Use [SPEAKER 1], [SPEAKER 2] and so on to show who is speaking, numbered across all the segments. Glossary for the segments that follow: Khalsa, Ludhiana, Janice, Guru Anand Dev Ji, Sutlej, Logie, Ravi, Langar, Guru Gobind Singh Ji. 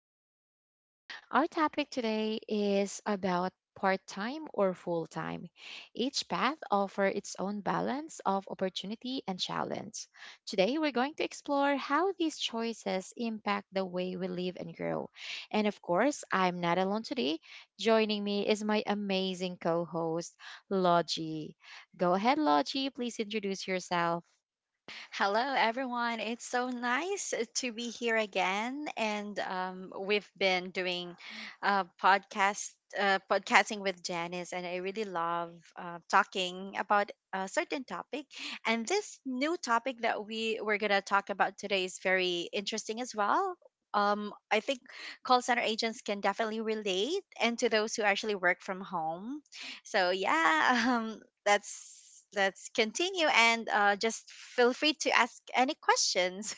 [SPEAKER 1] today's episode. Our topic today is about part time or full time. Each path offers its own balance of opportunity and challenge. Today, we're going to explore how these choices impact the way we live and grow. And of course, I'm not alone today. Joining me is my amazing co host, Logie. Go ahead, Logie. Please introduce yourself.
[SPEAKER 2] Hello, everyone. It's so nice to be here again, and we've been doing uh, podcast podcasting with Janice, and I really love talking about a certain topic. And this new topic that we were gonna talk about today is very interesting as well. I think call center agents can definitely relate, and to those who actually work from home. So yeah, let's continue and just feel free to ask any questions.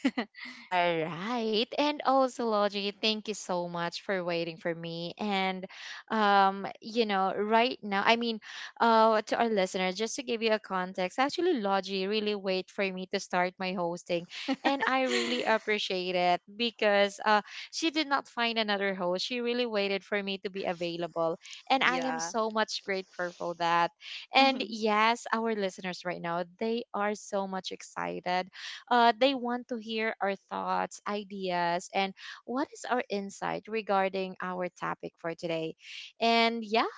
[SPEAKER 1] All right. And also, Logie, thank you so much for waiting for me. And, you know, right now, I mean, to our listeners, just to give you a context, actually, Logie really wait for me to start my hosting. And I really appreciate it because she did not find another host. She really waited for me to be available. And I am
[SPEAKER 2] Yeah.
[SPEAKER 1] so much grateful for that. And yes, our listeners right now, they are so much excited, they want to hear our thoughts, ideas, and what is our insight regarding our topic for today. And yeah,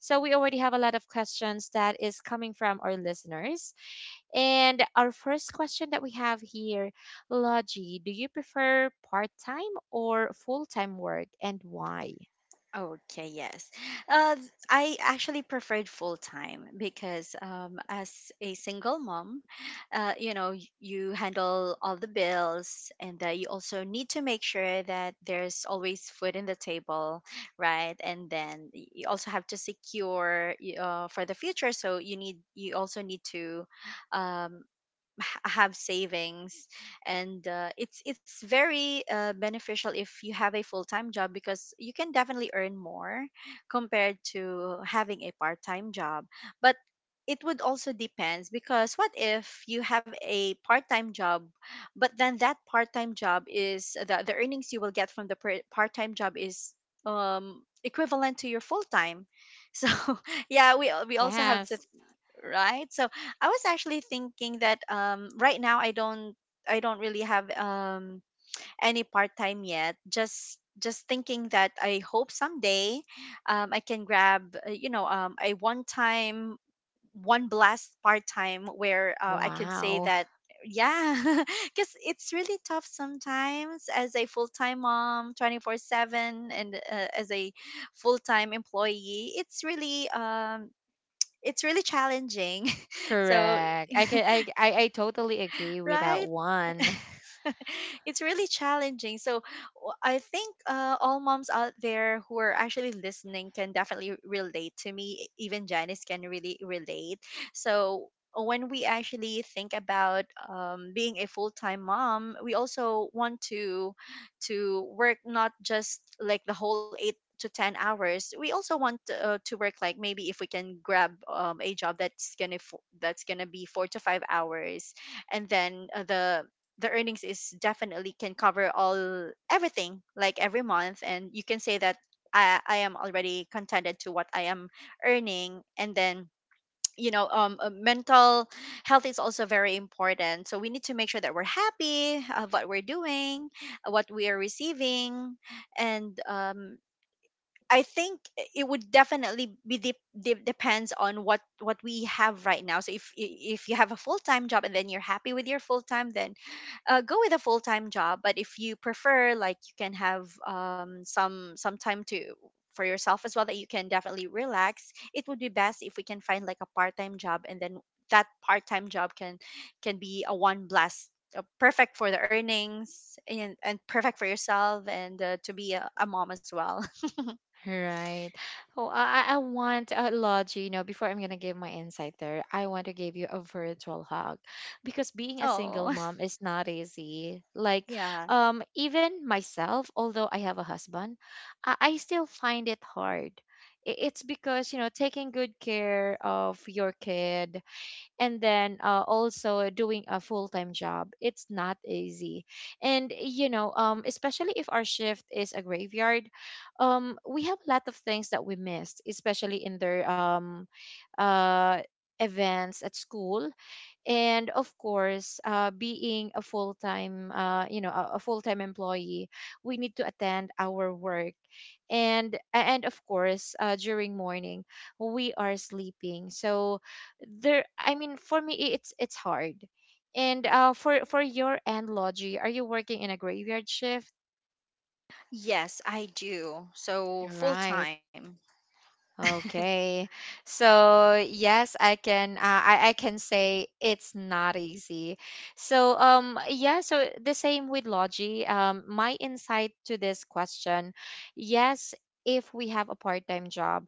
[SPEAKER 1] so we already have a lot of questions that is coming from our listeners. And our first question that we have here, Logie, do you prefer part-time or full-time work and why?
[SPEAKER 2] Okay. Yes. I actually preferred full time because as a single mom, you know you handle all the bills, and you also need to make sure that there's always food in the table, right? And then you also have to secure for the future, so you also need to um, have savings. And it's very beneficial if you have a full-time job because you can definitely earn more compared to having a part-time job. But it would also depends, because what if you have a part-time job but then that part-time job is, the earnings you will get from the part-time job is equivalent to your full-time? So yeah, we also have to,
[SPEAKER 1] Yes.
[SPEAKER 2] right? So I was actually thinking that right now I don't really have any part-time yet. Just thinking that I hope someday I can grab you know, a one-time, one blast part-time where I could say
[SPEAKER 1] Wow.
[SPEAKER 2] that, yeah. Because it's really tough sometimes as a full-time mom 24/7, and as a full-time employee it's really challenging. So,
[SPEAKER 1] Correct. I can, I totally agree with that
[SPEAKER 2] right?
[SPEAKER 1] one.
[SPEAKER 2] It's really challenging. So I think all moms out there who are actually listening can definitely relate to me. E, even Janice can really relate. So when we actually think about being a full-time mom, we also want to work, not just like the whole eight to 10 hours. We also want to work like, maybe if we can grab a job that's gonna be 4 to 5 hours, and then the earnings is definitely can cover all everything, like every month, and you can say that I am already contented to what I am earning. And then you know, mental health is also very important, so we need to make sure that we're happy of what we're doing, what we are receiving. And I think it would definitely be depends on what we have right now. So if if you have a full time job and then you're happy with your full time, then go with a full time job. But if you prefer, like you can have some time to for yourself as well, that you can definitely relax, it would be best if we can find like a part time job. And then that part time job can be a one blast, perfect for the earnings, and perfect for yourself, and to be a mom as well.
[SPEAKER 1] Right. Oh, I want a lodge, you know, before I'm going to give my insight there, I want to give you a virtual hug because being a single
[SPEAKER 2] Oh.
[SPEAKER 1] mom is not easy. Like,
[SPEAKER 2] Yeah.
[SPEAKER 1] even myself, although I have a husband, I still find it hard. It's because, you know, taking good care of your kid, and then also doing a full-time job, it's not easy. And you know, especially if our shift is a graveyard, we have a lot of things that we missed, especially in their uh, events at school. And of course, being a full-time, you know, a full-time employee, we need to attend our work. And, of course, during morning we are sleeping. So there, I mean, for me, it's hard. And, for your end, Logi, are you working in a graveyard shift?
[SPEAKER 2] Yes, I do. So full
[SPEAKER 1] Right.
[SPEAKER 2] time.
[SPEAKER 1] Okay. So yes, I can, I can say it's not easy. So, yeah, so the same with Logi. My insight to this question, yes, if we have a part-time job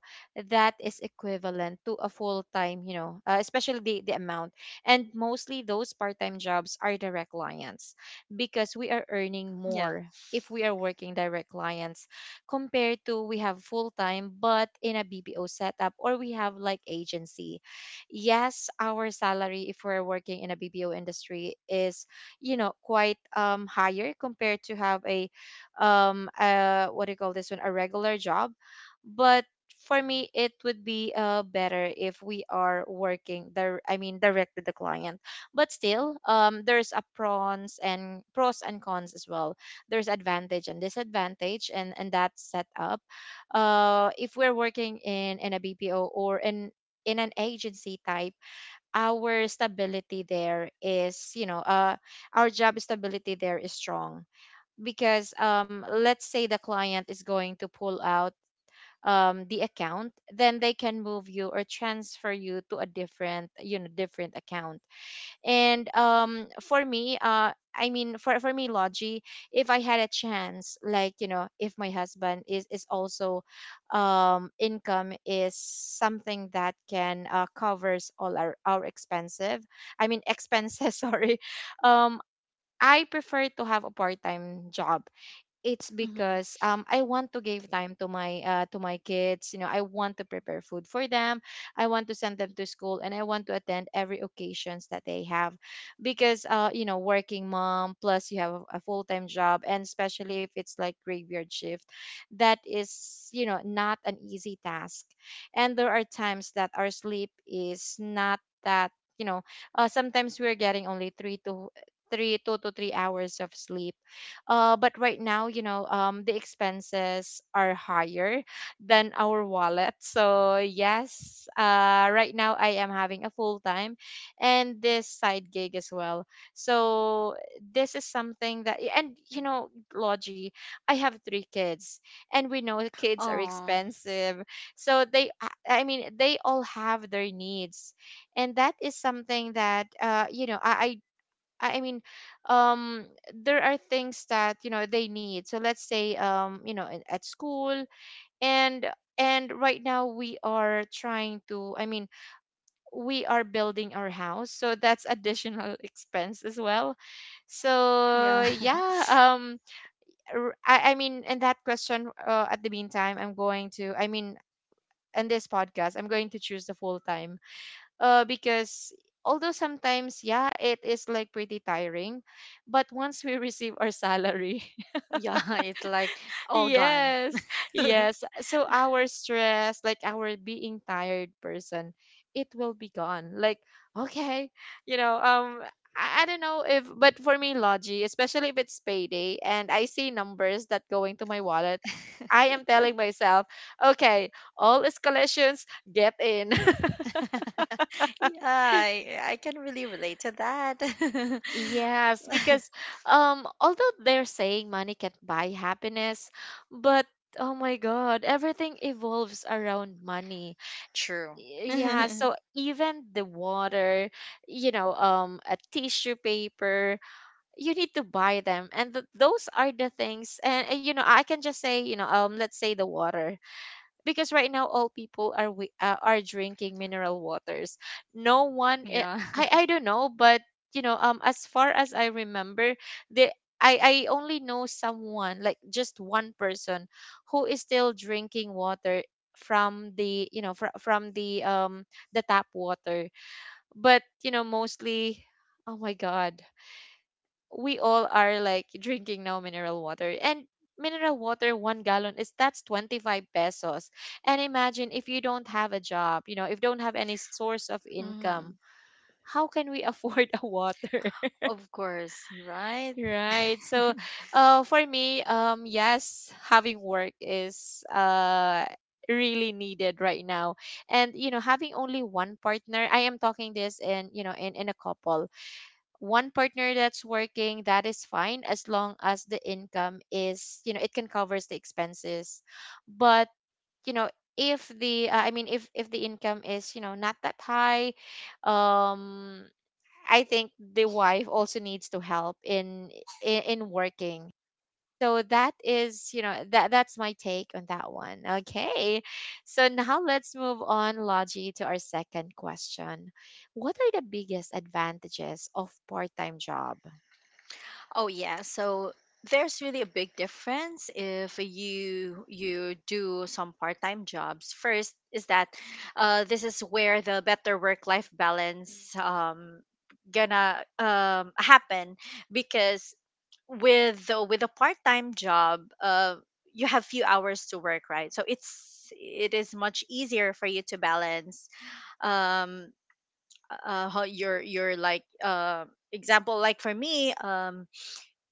[SPEAKER 1] that is equivalent to a full-time, you know, especially the amount. And mostly those part-time jobs are direct clients because we are
[SPEAKER 2] Yeah.
[SPEAKER 1] earning more if we are working direct clients, compared to we have full time but in a BPO setup or we have like agency. Yes, our salary, if we're working in a BPO industry, is, you know, quite higher compared to have a, what do you call this one, a regular job. But for me it would be better if we are working there, I mean direct with the client. But still, there's a pros and cons as well. There's advantage and disadvantage and, that setup, if we're working in a bpo or in an agency type, our stability there is you know our job stability there is strong. Because let's say the client is going to pull out, the account, then they can move you or transfer you to a different you know different account. And for me, I mean, for me, Logi, if I had a chance, like, you know, if my husband is also, income is something that can covers all our expensive, I mean expenses, sorry, um I prefer to have a part-time job. It's
[SPEAKER 2] Mm-hmm.
[SPEAKER 1] because I want to give time to my, to my kids. You know, I want to prepare food for them. I want to send them to school, and I want to attend every occasions that they have. Because, you know, working mom plus you have a full time job, and especially if it's like graveyard shift, that is, you know, not an easy task. And there are times that our sleep is not that, you know, sometimes we're getting only three to three two to 3 hours of sleep, but right now, you know, the expenses are higher than our wallet. So yes, right now I am having a full time, and this side gig as well. So this is something that, and you know, Logie, I have three kids, and we know kids are
[SPEAKER 2] Oh,
[SPEAKER 1] expensive. So they, I mean, they all have their needs. And that is something that, you know, I mean, um, there are things that you know they need. So let's say, you know, at school. And, right now we are trying to. I mean, we are building our house, so that's additional expense as well.
[SPEAKER 2] yeah.
[SPEAKER 1] So yeah, I mean, in that question, at the meantime, I'm going to. I mean, in this podcast, I'm going to choose the full time, because although sometimes, yeah, it is like pretty tiring, but once we receive our salary.
[SPEAKER 2] Yeah, it's like all gone.
[SPEAKER 1] Yes, yes, so our stress, like our being tired person, it will be gone. Like, okay, you know, I don't know if, but for me, Logi, especially if it's payday and I see numbers that go into my wallet, I am telling myself, okay, all escalations get in.
[SPEAKER 2] Yeah, I can really relate to that.
[SPEAKER 1] Yes, because although they're saying money can't buy happiness, but oh my God, everything evolves around money.
[SPEAKER 2] True.
[SPEAKER 1] Yeah, so even the water, you know, a tissue paper, you need to buy them. And th those are the things. And, you know, I can just say, you know, let's say the water, because right now all people are are drinking mineral waters. No one, i-
[SPEAKER 2] Yeah.
[SPEAKER 1] I I don't know, but you know, as far as I remember, the I I only know someone, like, just one person who is still drinking water from the tap water. But you know, mostly, oh my God, we all are like drinking now mineral water. And mineral water 1 gallon is that's 25 pesos. And imagine if you don't have a job, you know, if don't have any source of income,
[SPEAKER 2] Mhm.
[SPEAKER 1] how can we afford a water?
[SPEAKER 2] Of course, right?
[SPEAKER 1] Right. So, for me, yes, having work is really needed right now. And you know, having only one partner, I am talking this in, you know, in a couple, one partner that's working, that is fine as long as the income is, you know, it can covers the expenses. But you know, if the I mean, if the income is, you know, not that high, um I think the wife also needs to help in, in, working. So that is, you know, that's my take on that one. Okay. So now let's move on, Logi, to our second question. What are the biggest advantages of part-time job?
[SPEAKER 2] Oh yeah, so there's really a big difference if you do some part-time jobs. First is that this is where the better work-life balance gonna happen because with with a part-time job, you have few hours to work, right? So it's it is much easier for you to balance um how your like example, like for me um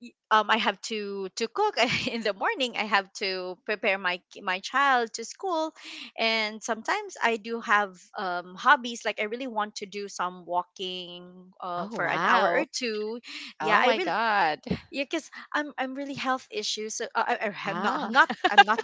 [SPEAKER 2] y- um, I have to cook in the morning. I have to prepare my my child to school, and sometimes I do have hobbies. Like I really want to do some walking
[SPEAKER 1] Oh
[SPEAKER 2] for an hour or
[SPEAKER 1] wow.
[SPEAKER 2] two. Yeah,
[SPEAKER 1] Oh
[SPEAKER 2] I
[SPEAKER 1] my
[SPEAKER 2] really—
[SPEAKER 1] God.
[SPEAKER 2] yeah, cause I'm really health issues. So
[SPEAKER 1] Ah,
[SPEAKER 2] I'm not—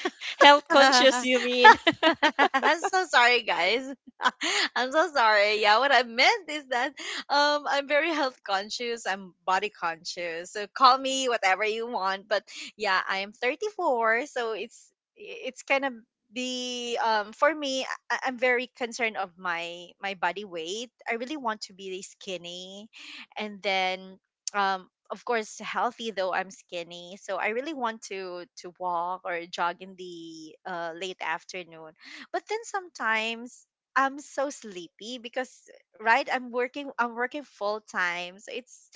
[SPEAKER 1] health conscious, you mean?
[SPEAKER 2] I'm so sorry, guys. I'm so sorry. Yeah, what I meant is that I'm very health conscious. I'm body conscious. So call me whatever you want. But yeah, I am 34, so it's kind of be for me. I'm very concerned of my body weight. I really want to be skinny, and then of course healthy though I'm skinny, so I really want to walk or jog in the late afternoon. But then sometimes I'm so sleepy because, right, I'm working full time, so it's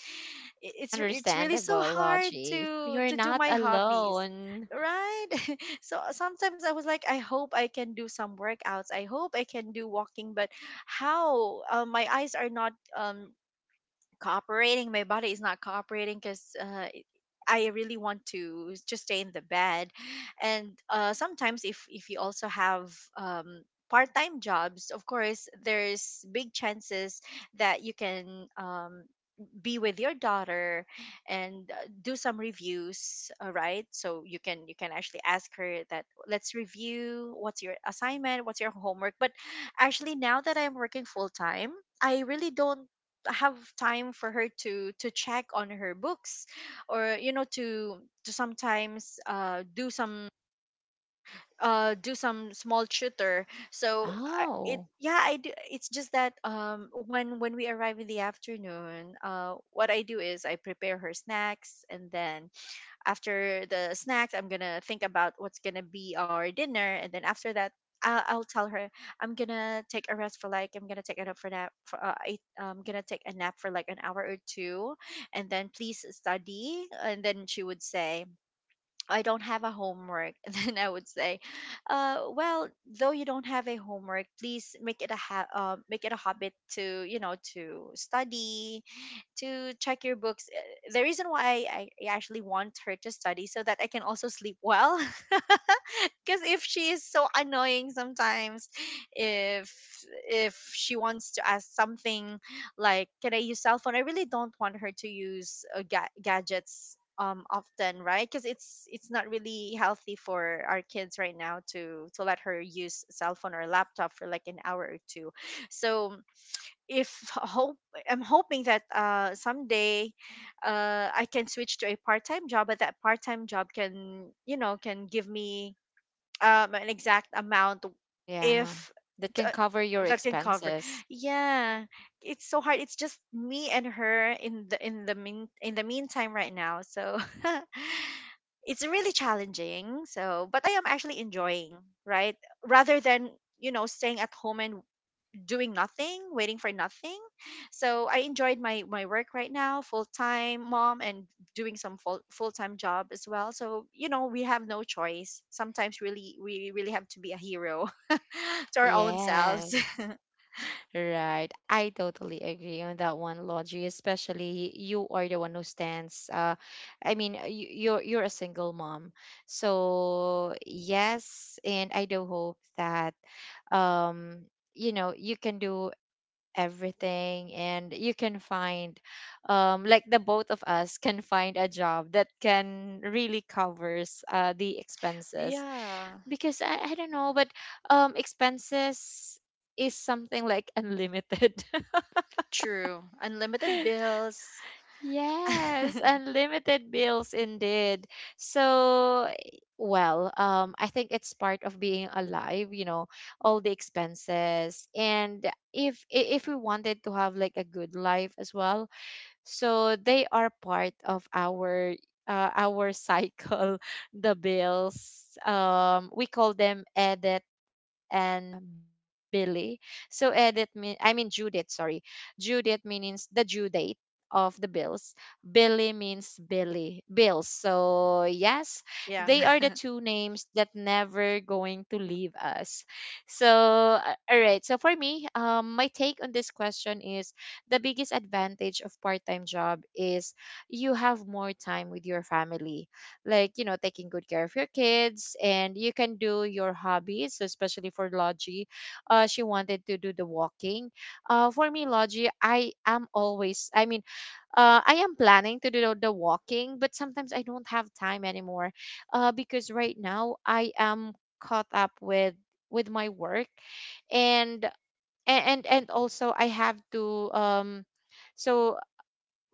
[SPEAKER 2] it's really so
[SPEAKER 1] Understandable,
[SPEAKER 2] hard
[SPEAKER 1] Logi. You're
[SPEAKER 2] to do
[SPEAKER 1] not
[SPEAKER 2] my hobbies,
[SPEAKER 1] alone.
[SPEAKER 2] right? So sometimes I was like, I hope I can do some workouts, I hope I can do walking. But how, my eyes are not um cooperating, my body is not cooperating, because I really want to just stay in the bed. And sometimes if you also have part time jobs, of course there's big chances that you can be with your daughter and do some reviews, right? So you can actually ask her that, let's review, what's your assignment, what's your homework? But actually now that I'm working full time, I really don't have time for her to check on her books, or you know, to sometimes do some small tutor. So I, it—
[SPEAKER 1] Oh,
[SPEAKER 2] yeah, I do. It's just that when we arrive in the afternoon, what I do is I prepare her snacks, and then after the snacks I'm gonna think about what's gonna be our dinner. And then after that, I'll tell her, I'm gonna take a rest for like— I'm gonna take a nap for nap for I, I'm gonna take a nap for like an hour or two, and then please study. And then she would say, I don't have a homework. Then I would say, well, though you don't have a homework, please make it a make it a habit to, you know, to study, to check your books. The reason why I actually want her to study so that I can also sleep well. Because if she is so annoying sometimes, if if she wants to ask something like, can I use cell phone? I really don't want her to use gadgets often, right? Because it's not really healthy for our kids right now to let her use cell phone or laptop for like an hour or two. So if hope— I'm hoping that someday I can switch to a part-time job, but that part-time job can, you know, can give me an exact amount.
[SPEAKER 1] yeah.
[SPEAKER 2] If
[SPEAKER 1] That
[SPEAKER 2] t-
[SPEAKER 1] can
[SPEAKER 2] uh,
[SPEAKER 1] cover your
[SPEAKER 2] that can cover,
[SPEAKER 1] expenses.
[SPEAKER 2] yeah. It's so hard. It's just me and her in the mean in the meantime right now. So it's really challenging. So, but I am actually enjoying, right, rather than, you know, staying at home and doing nothing, waiting for nothing. So I enjoyed my work right now, full time mom, and doing some full time job as well. So you know, we have no choice. Sometimes, really, we really have to be a hero to our own selves.
[SPEAKER 1] Yes. Right. I totally agree on that one, Logie. Especially you are the one who stands. I mean, you're a single mom. So yes, and I do hope that, um, you know, you can do everything, and you can find, like, the both of us can find a job that can really covers the expenses.
[SPEAKER 2] Yeah,
[SPEAKER 1] Because I don't know, but expenses is something like unlimited.
[SPEAKER 2] true. Unlimited bills.
[SPEAKER 1] Yes, unlimited bills indeed. So, eh, well, I think it's part of being alive, you know, all the expenses. And if we wanted to have like a good life as well, so they are part of our, our cycle. The bills, we call them edit and billy. So edit mean, I mean due, sorry, due means the due date of the bills. Billy means billy bills. So yes,
[SPEAKER 2] Yeah.
[SPEAKER 1] they are the two names that never going to leave us. So, all right, so for me, my take on this question is the biggest advantage of part-time job is you have more time with your family, like you know, taking good care of your kids and you can do your hobbies. So, especially for Logie, she wanted to do the walking. For me, Logie, I am always, I mean, I am planning to do the walking, but sometimes I don't have time anymore, because right now I am caught up with my work. And and also I have to, so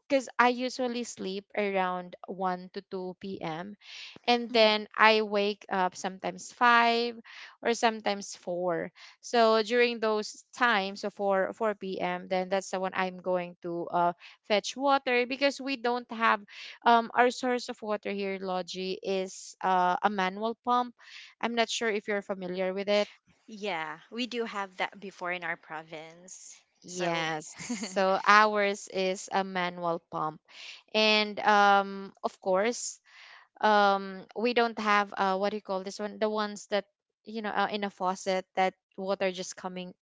[SPEAKER 1] because I usually sleep around 1 to 2 p.m. And
[SPEAKER 2] Mhm.
[SPEAKER 1] then I wake up sometimes 5 or sometimes 4. So during those times, so 4 p.m., then that's the one I'm going to fetch water because we don't have our source of water here, Logi, is a manual pump. I'm not sure if you're familiar with it.
[SPEAKER 2] Yeah, we do have that before in our province. So,
[SPEAKER 1] Yes. So ours is a manual pump. And of course, we don't have uh, what do you call this one? The ones that, you know, in a faucet that water just coming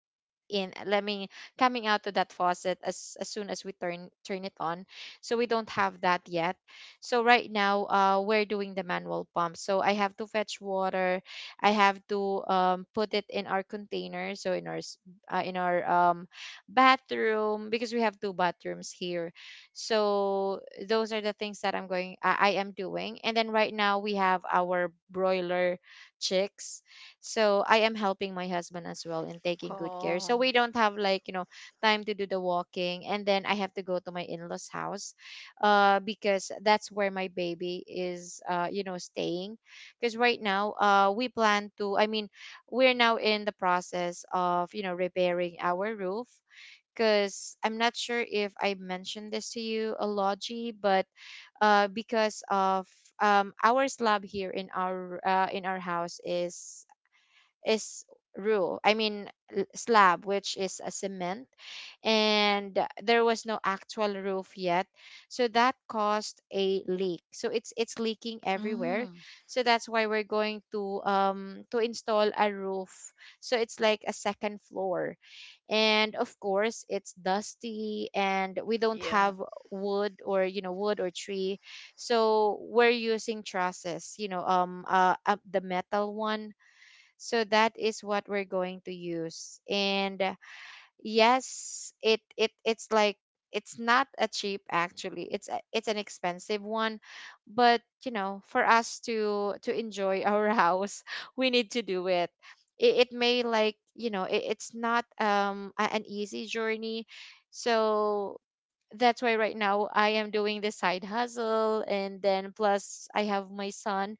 [SPEAKER 1] in, let me coming out to that faucet as soon as we turn it on. So we don't have that yet. So right now, we're doing the manual pump, so I have to fetch water. I have to put it in our container, so in our in our bathroom, because we have two bathrooms here. So those are the things that I am doing. And then right now we have our broiler chicks, so I am helping my husband as well in taking good care.
[SPEAKER 2] oh,
[SPEAKER 1] So we don't have, like, you know, time to do the walking. And then I have to go to my in-laws house, because that's where my baby is, you know, staying. Because right now, we plan to, I mean, we're now in the process of, you know, repairing our roof. Because I'm not sure if I mentioned this to you, Alogi, but because of our slab here in our house is is roof, I mean, slab, which is a cement, and there was no actual roof yet. So that caused a leak, so it's leaking everywhere.
[SPEAKER 2] mm,
[SPEAKER 1] So that's why we're going to install a roof. So it's like a second floor. And of course, it's dusty, and we don't
[SPEAKER 2] yeah,
[SPEAKER 1] have wood or, you know, wood or tree. So we're using trusses, you know, the metal one. So that is what we're going to use. And yes, it's like, it's not a cheap actually. It's an expensive one, but you know, for us to enjoy our house, we need to do it. It may, like, you know, it's not an easy journey. So that's why right now I am doing the side hustle, and then plus I have my son,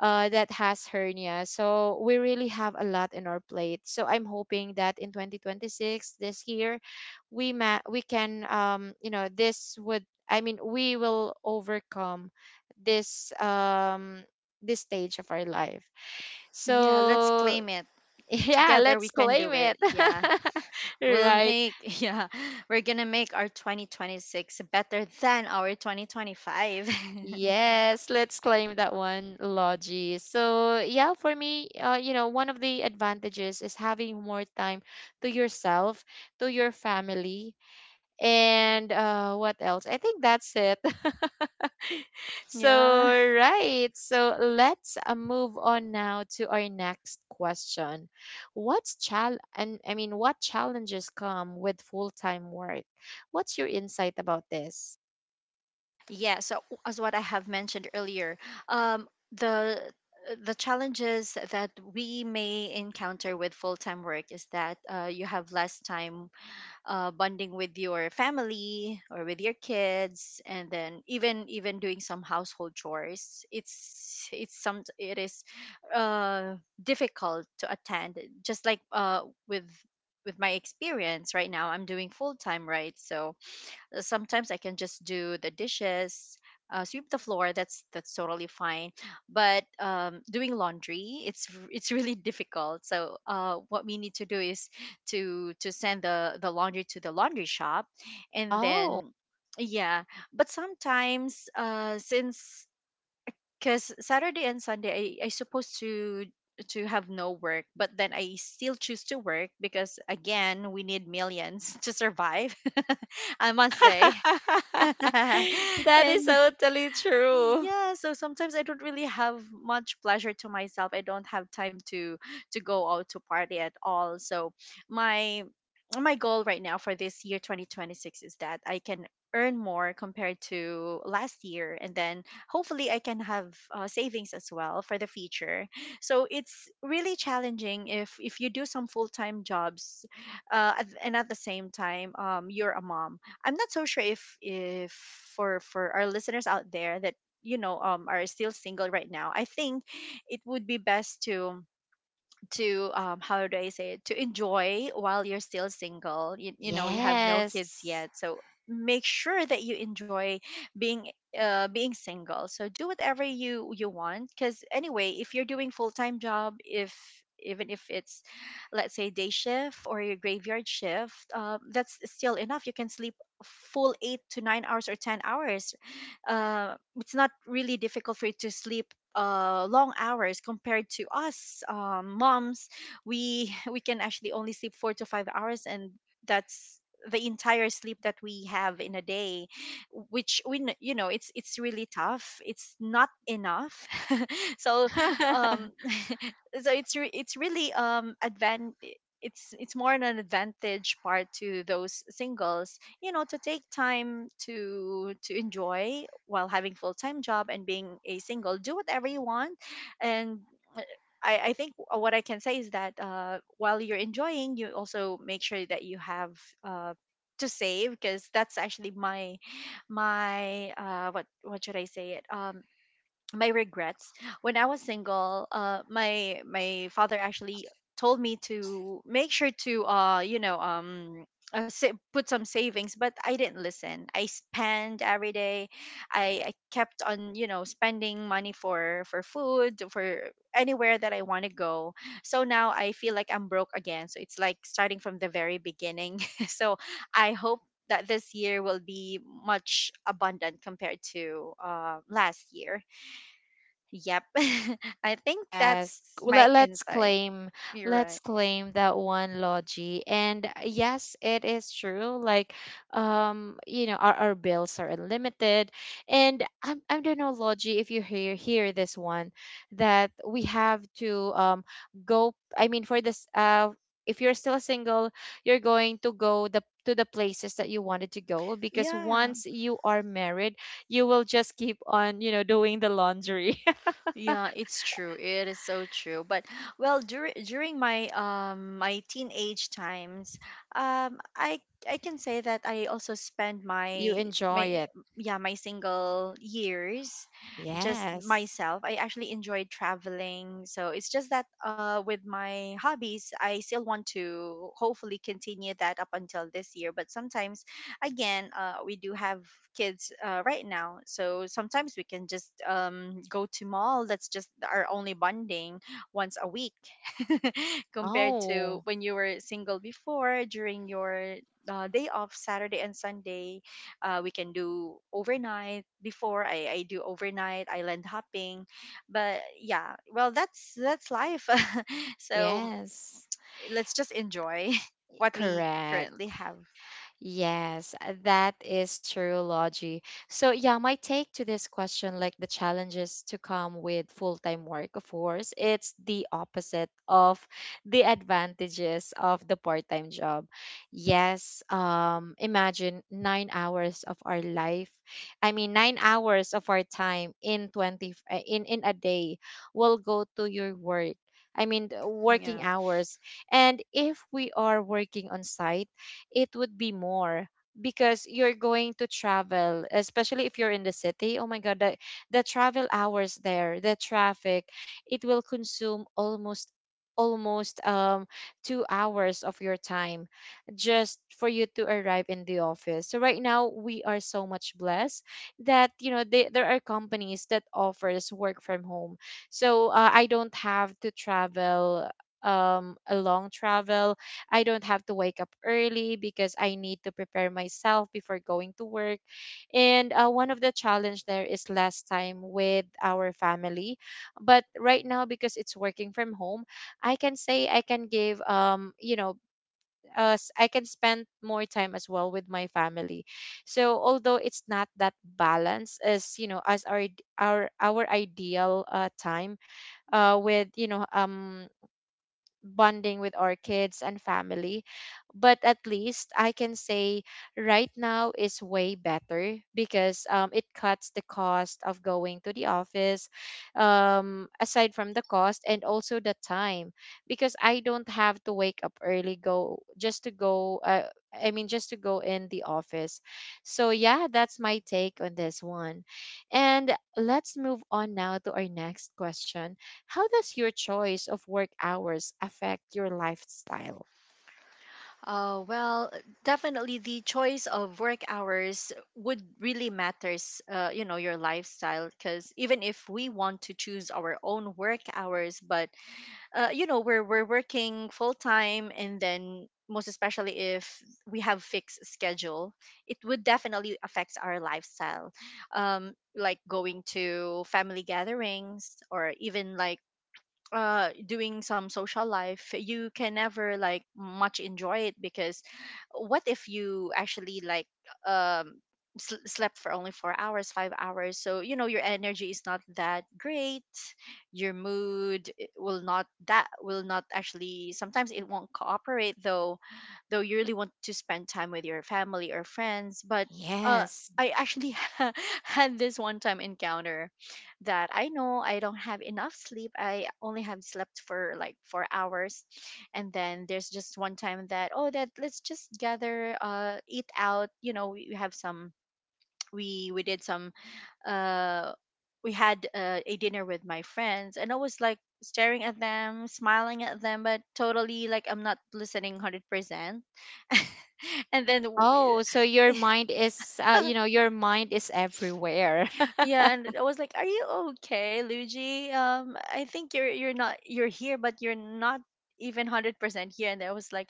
[SPEAKER 1] that has hernia. So we really have a lot in our plate. So I'm hoping that in 2026, this year, we can, you know, this would I mean we will overcome this this stage of our life.
[SPEAKER 2] yeah. Let's
[SPEAKER 1] So
[SPEAKER 2] claim it.
[SPEAKER 1] yeah,
[SPEAKER 2] Together we
[SPEAKER 1] let's
[SPEAKER 2] can
[SPEAKER 1] claim
[SPEAKER 2] do
[SPEAKER 1] it.
[SPEAKER 2] it, yeah, we'll
[SPEAKER 1] Right.
[SPEAKER 2] make— yeah, we're gonna make our 2026 better than our 2025.
[SPEAKER 1] Yes, let's claim that one, Logie. So, yeah, for me, you know, one of the advantages is having more time to yourself, to your family, and what else? I think that's it. So,
[SPEAKER 2] Yeah,
[SPEAKER 1] right. So, let's, move on now to our next question. What's chal and I mean, what challenges come with full-time work? What's your insight about this?
[SPEAKER 2] yeah. So as what I have mentioned earlier, um the the challenges that we may encounter with full-time work is that you have less time bonding with your family or with your kids. And then even even doing some household chores, it's some it is uh, difficult to attend, just like with with my experience right now, I'm doing full time, right? So sometimes I can just do the dishes, sweep the floor. That's totally fine. But doing laundry, it's it's really difficult. So what we need to do is to send the laundry to the laundry shop, and then yeah. But sometimes since because Saturday and Sunday I supposed to have no work, but then I still choose to work because, again, we need millions to survive, I must say.
[SPEAKER 1] That is
[SPEAKER 2] and
[SPEAKER 1] totally true.
[SPEAKER 2] yeah, so sometimes I don't really have much pleasure to myself. I don't have time to go out, to party at all. So my my goal right now for this year 2026 is that I can earn more compared to last year, and then hopefully I can have savings as well for the future. So it's really challenging if you do some full-time jobs and at the same time you're a mom. I'm not so sure if for our listeners out there that, are still single right now. I think it would be best to how do I say it to enjoy while you're still single. You know, you have no kids
[SPEAKER 1] Yes.
[SPEAKER 2] yet, so make sure that you enjoy being being single. So do whatever you want, because anyway, if you're doing full-time job, if even if it's, let's say, day shift or your graveyard shift, that's still enough. You can sleep full 8 to 9 hours or 10 hours. Uh, it's not really difficult for you to sleep long hours compared to us, moms. We we can actually only sleep 4 to 5 hours, and that's the entire sleep that we have in a day, which we kn- you know it's really tough. It's not enough. so um so it's really advan it's more an advantage part to those singles, you know, to take time to enjoy while having full-time job and being a single. Do whatever you want. And uh, I think what I can say is that, while you're enjoying, you also make sure that you have, to save, because that's actually my, what should I say it my regrets. When I was single, my father actually told me to make sure to, put some savings, but I didn't listen. I spend every day. I kept on, you know, spending money for food, for anywhere that I want to go. So now I feel like I'm broke again. So it's like starting from the very beginning. so I hope that this year will be much abundant compared to last year. Yep. I think
[SPEAKER 1] Yes,
[SPEAKER 2] that's
[SPEAKER 1] well,
[SPEAKER 2] my
[SPEAKER 1] let's
[SPEAKER 2] insight.
[SPEAKER 1] claim,
[SPEAKER 2] You're
[SPEAKER 1] let's
[SPEAKER 2] right.
[SPEAKER 1] claim that one, logi. And yes, it is true. Like, you know, our bills are unlimited. And I don't know, logi, if you hear this one, that we have to go I mean for this uh, if you're still single, you're going to go the to the places that you wanted to go, because
[SPEAKER 2] Yeah.
[SPEAKER 1] once you are married, you will just keep on, you know, doing the laundry.
[SPEAKER 2] Yeah, it's true. It is so true. But well, during my my teenage times, I can say that I also spent
[SPEAKER 1] You
[SPEAKER 2] my
[SPEAKER 1] enjoy
[SPEAKER 2] my
[SPEAKER 1] it.
[SPEAKER 2] yeah, my single years just
[SPEAKER 1] Yes.
[SPEAKER 2] myself. I actually enjoyed traveling. So it's just that, with my hobbies, I still want to hopefully continue that up until this year. But sometimes, again, we do have kids right now, so sometimes we can just, go to mall. That's just our only bonding once a week, compared to
[SPEAKER 1] Oh,
[SPEAKER 2] when you were single before during your day off Saturday and Sunday. We can do overnight. Before, I do overnight island hopping. But yeah, well, that's life. so
[SPEAKER 1] yes.
[SPEAKER 2] let's just enjoy what we
[SPEAKER 1] Correct.
[SPEAKER 2] currently have.
[SPEAKER 1] Yes, that is true, Logie. So, yeah, my take to this question, like the challenges to come with full-time work, of course, it's the opposite of the advantages of the part-time job. Yes, imagine 9 hours of our life. I mean, 9 hours of our time in in a day will go to your work. I mean, the
[SPEAKER 2] Yeah.
[SPEAKER 1] working hours. And if we are working on site, it would be more, because you're going to travel, especially if you're in the city. Oh my god, the travel hours there, the traffic, it will consume almost 2 hours of your time just for you to arrive in the office. So right now we are so much blessed that, you know, there are companies that offers work from home. So I don't have to travel a long travel. I don't have to wake up early because I need to prepare myself before going to work. And one of the challenge there is less time with our family. But right now, because it's working from home, I can say I can give, um, you know, I can spend more time as well with my family. So although it's not that balance as, you know, as our ideal, time, uh, with, you know, um, bonding with our kids and family. But at least I can say right now is way better, because it cuts the cost of going to the office, aside from the cost and also the time, because I don't have to wake up early, go just to go. I mean, just to go in the office. So, yeah, that's my take on this one. And let's move on now to our next question. How does your choice of work hours affect your lifestyle?
[SPEAKER 2] Well, definitely the choice of work hours would really matters. You know, your lifestyle, because even if we want to choose our own work hours, but you know, we're working full time, and then most especially if we have fixed schedule, it would definitely affects our lifestyle. Like going to family gatherings or even like doing some social life, you can never like much enjoy it, because what if you actually like um slept for only 4 hours, 5 hours? So you know your energy is not that great. Your mood will not actually, sometimes it won't cooperate, though you really want to spend time with your family or friends. But uh
[SPEAKER 1] Yes.
[SPEAKER 2] I actually had this one time encounter that I know I don't have enough sleep. I only have slept for like 4 hours. And then there's just one time that, oh, that let's just gather, eat out. You know, we have some, we did some, uh, we had a dinner with my friends, and I was like staring at them, smiling at them, but totally like I'm not listening 100%. and then
[SPEAKER 1] Oh, so your mind is, you know, your mind is everywhere.
[SPEAKER 2] yeah, and I was like, "Are you okay, Luigi? I think you're not, you're here, but you're not even 100% here." And I was like,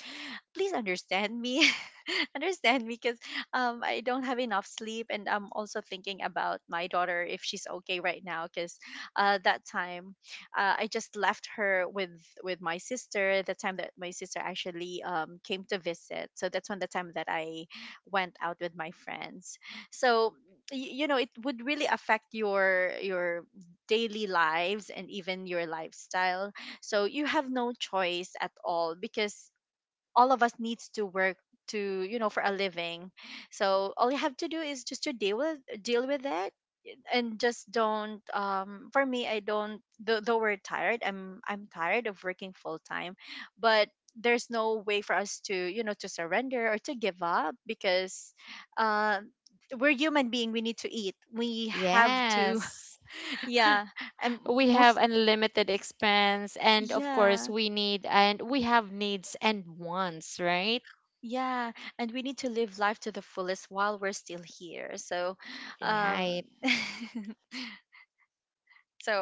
[SPEAKER 2] "Please understand me, understand me, because I don't have enough sleep, and I'm also thinking about my daughter if she's okay right now, because that time, I just left her with my sister. The time that my sister actually came to visit, so that's when the time that I went out with my friends." So you know, it would really affect your daily lives and even your lifestyle. So you have no choice at all, because all of us needs to work to, you know, for a living. So all you have to do is just to deal with, deal with it. And just don't, for me I don't, though we're tired, I'm tired of working full time. But there's no way for us to, you know, to surrender or to give up, because uh we're human being. We need to eat. We have to.
[SPEAKER 1] Yes.
[SPEAKER 2] yeah. And
[SPEAKER 1] We have
[SPEAKER 2] most,
[SPEAKER 1] unlimited expense, and of course,
[SPEAKER 2] yeah.
[SPEAKER 1] we need, and we have needs and wants, right?
[SPEAKER 2] Yeah, and we need to live life to the fullest while we're still here. So um
[SPEAKER 1] Right.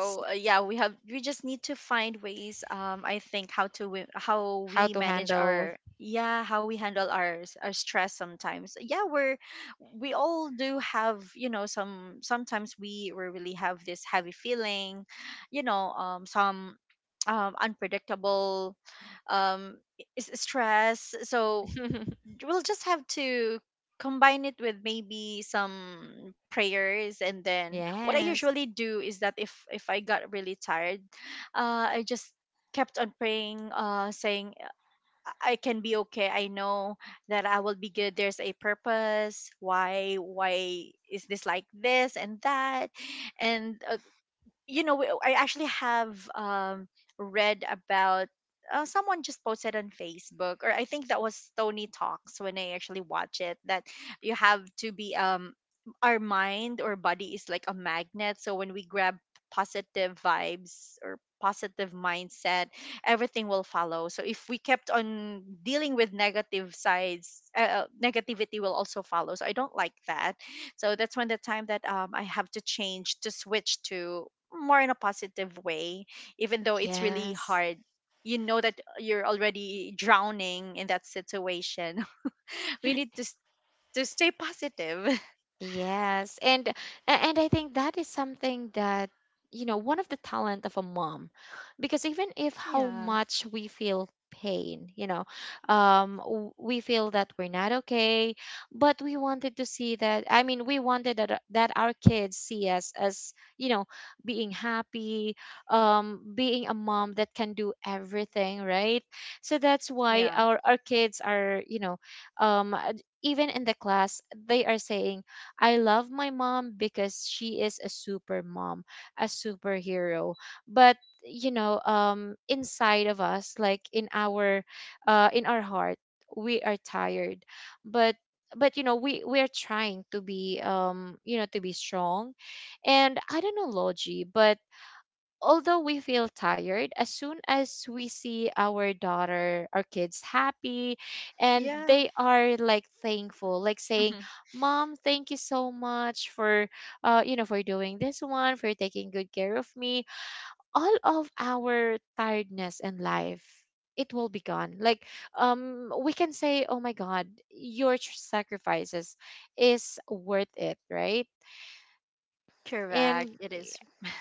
[SPEAKER 1] S-
[SPEAKER 2] yeah, we just need to find ways. I think how to wi- how
[SPEAKER 1] How
[SPEAKER 2] we
[SPEAKER 1] to
[SPEAKER 2] manage
[SPEAKER 1] handle.
[SPEAKER 2] our, yeah, how we handle our our stress sometimes. Yeah, we're, we all do have, you know, some, sometimes we really have this heavy feeling, you know, some unpredictable I- is stress. So we'll just have to combine it with maybe some prayers. And then what I
[SPEAKER 1] Yes.
[SPEAKER 2] usually do is that if I got really tired, I just kept on praying, saying I can be okay. I know that I will be good. There's a purpose why is this like this and that. And you know, I actually have, read about someone just posted on Facebook, or I think that was Tony Talks when I actually watch it, that you have to be, our mind or body is like a magnet. So when we grab positive vibes or positive mindset, everything will follow. So if we kept on dealing with negative sides, negativity will also follow. So I don't like that. So that's when the time that, I have to change to switch to more in a positive way, even though it's really
[SPEAKER 1] Yes.
[SPEAKER 2] hard. You know that you're already drowning in that situation, we need to to stay positive.
[SPEAKER 1] Yes, and a- and I think that is something that, you know, one of the talent of a mom, because even if how
[SPEAKER 2] Yeah.
[SPEAKER 1] much we feel pain, you know, we feel that we're not okay, but we wanted to see that. I mean, we wanted that our kids see us as, you know, being happy, being a mom that can do everything, right? So that's
[SPEAKER 2] Yeah.
[SPEAKER 1] why our kids are, you know, um, even in the class they are saying, I love my mom because she is a super mom, a superhero. But you know, inside of us, like in our heart, we are tired. But you know, we are trying to be, um, you know, to be strong. And I don't know, logi, but although we feel tired, as soon as we see our daughter, our kids happy, and
[SPEAKER 2] Yeah.
[SPEAKER 1] they are like thankful, like saying,
[SPEAKER 2] Mhm.
[SPEAKER 1] Mom, thank you so much for, you know, for doing this one, for taking good care of me, all of our tiredness in life, it will be gone. Like, we can say, "Oh my God, your sacrifices is worth it," right?
[SPEAKER 2] Correct.
[SPEAKER 1] And
[SPEAKER 2] It is.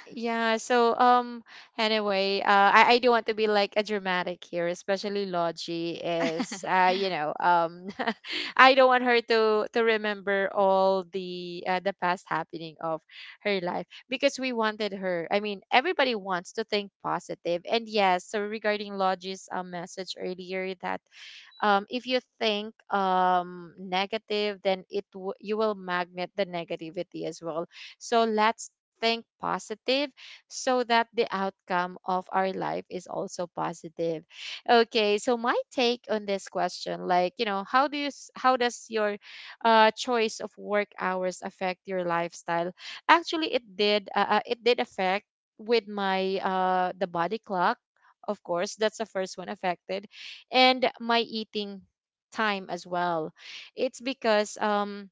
[SPEAKER 1] yeah, so um, anyway, I don't want to be like a dramatic here, especially Logie is uh, you know, I don't want her to remember all the past happening of her life, because we wanted her. I mean, everybody wants to think positive. And yes, so regarding Logie's um, message earlier that if you think negative, then you will magnet the negativity as well. So let's think positive so that the outcome of our life is also positive. Okay, so my take on this question, like, you know, how does your, choice of work hours affect your lifestyle? Actually it did, it did affect with my uh, the body clock, of course, that's the first one affected, and my eating time as well. It's because, um,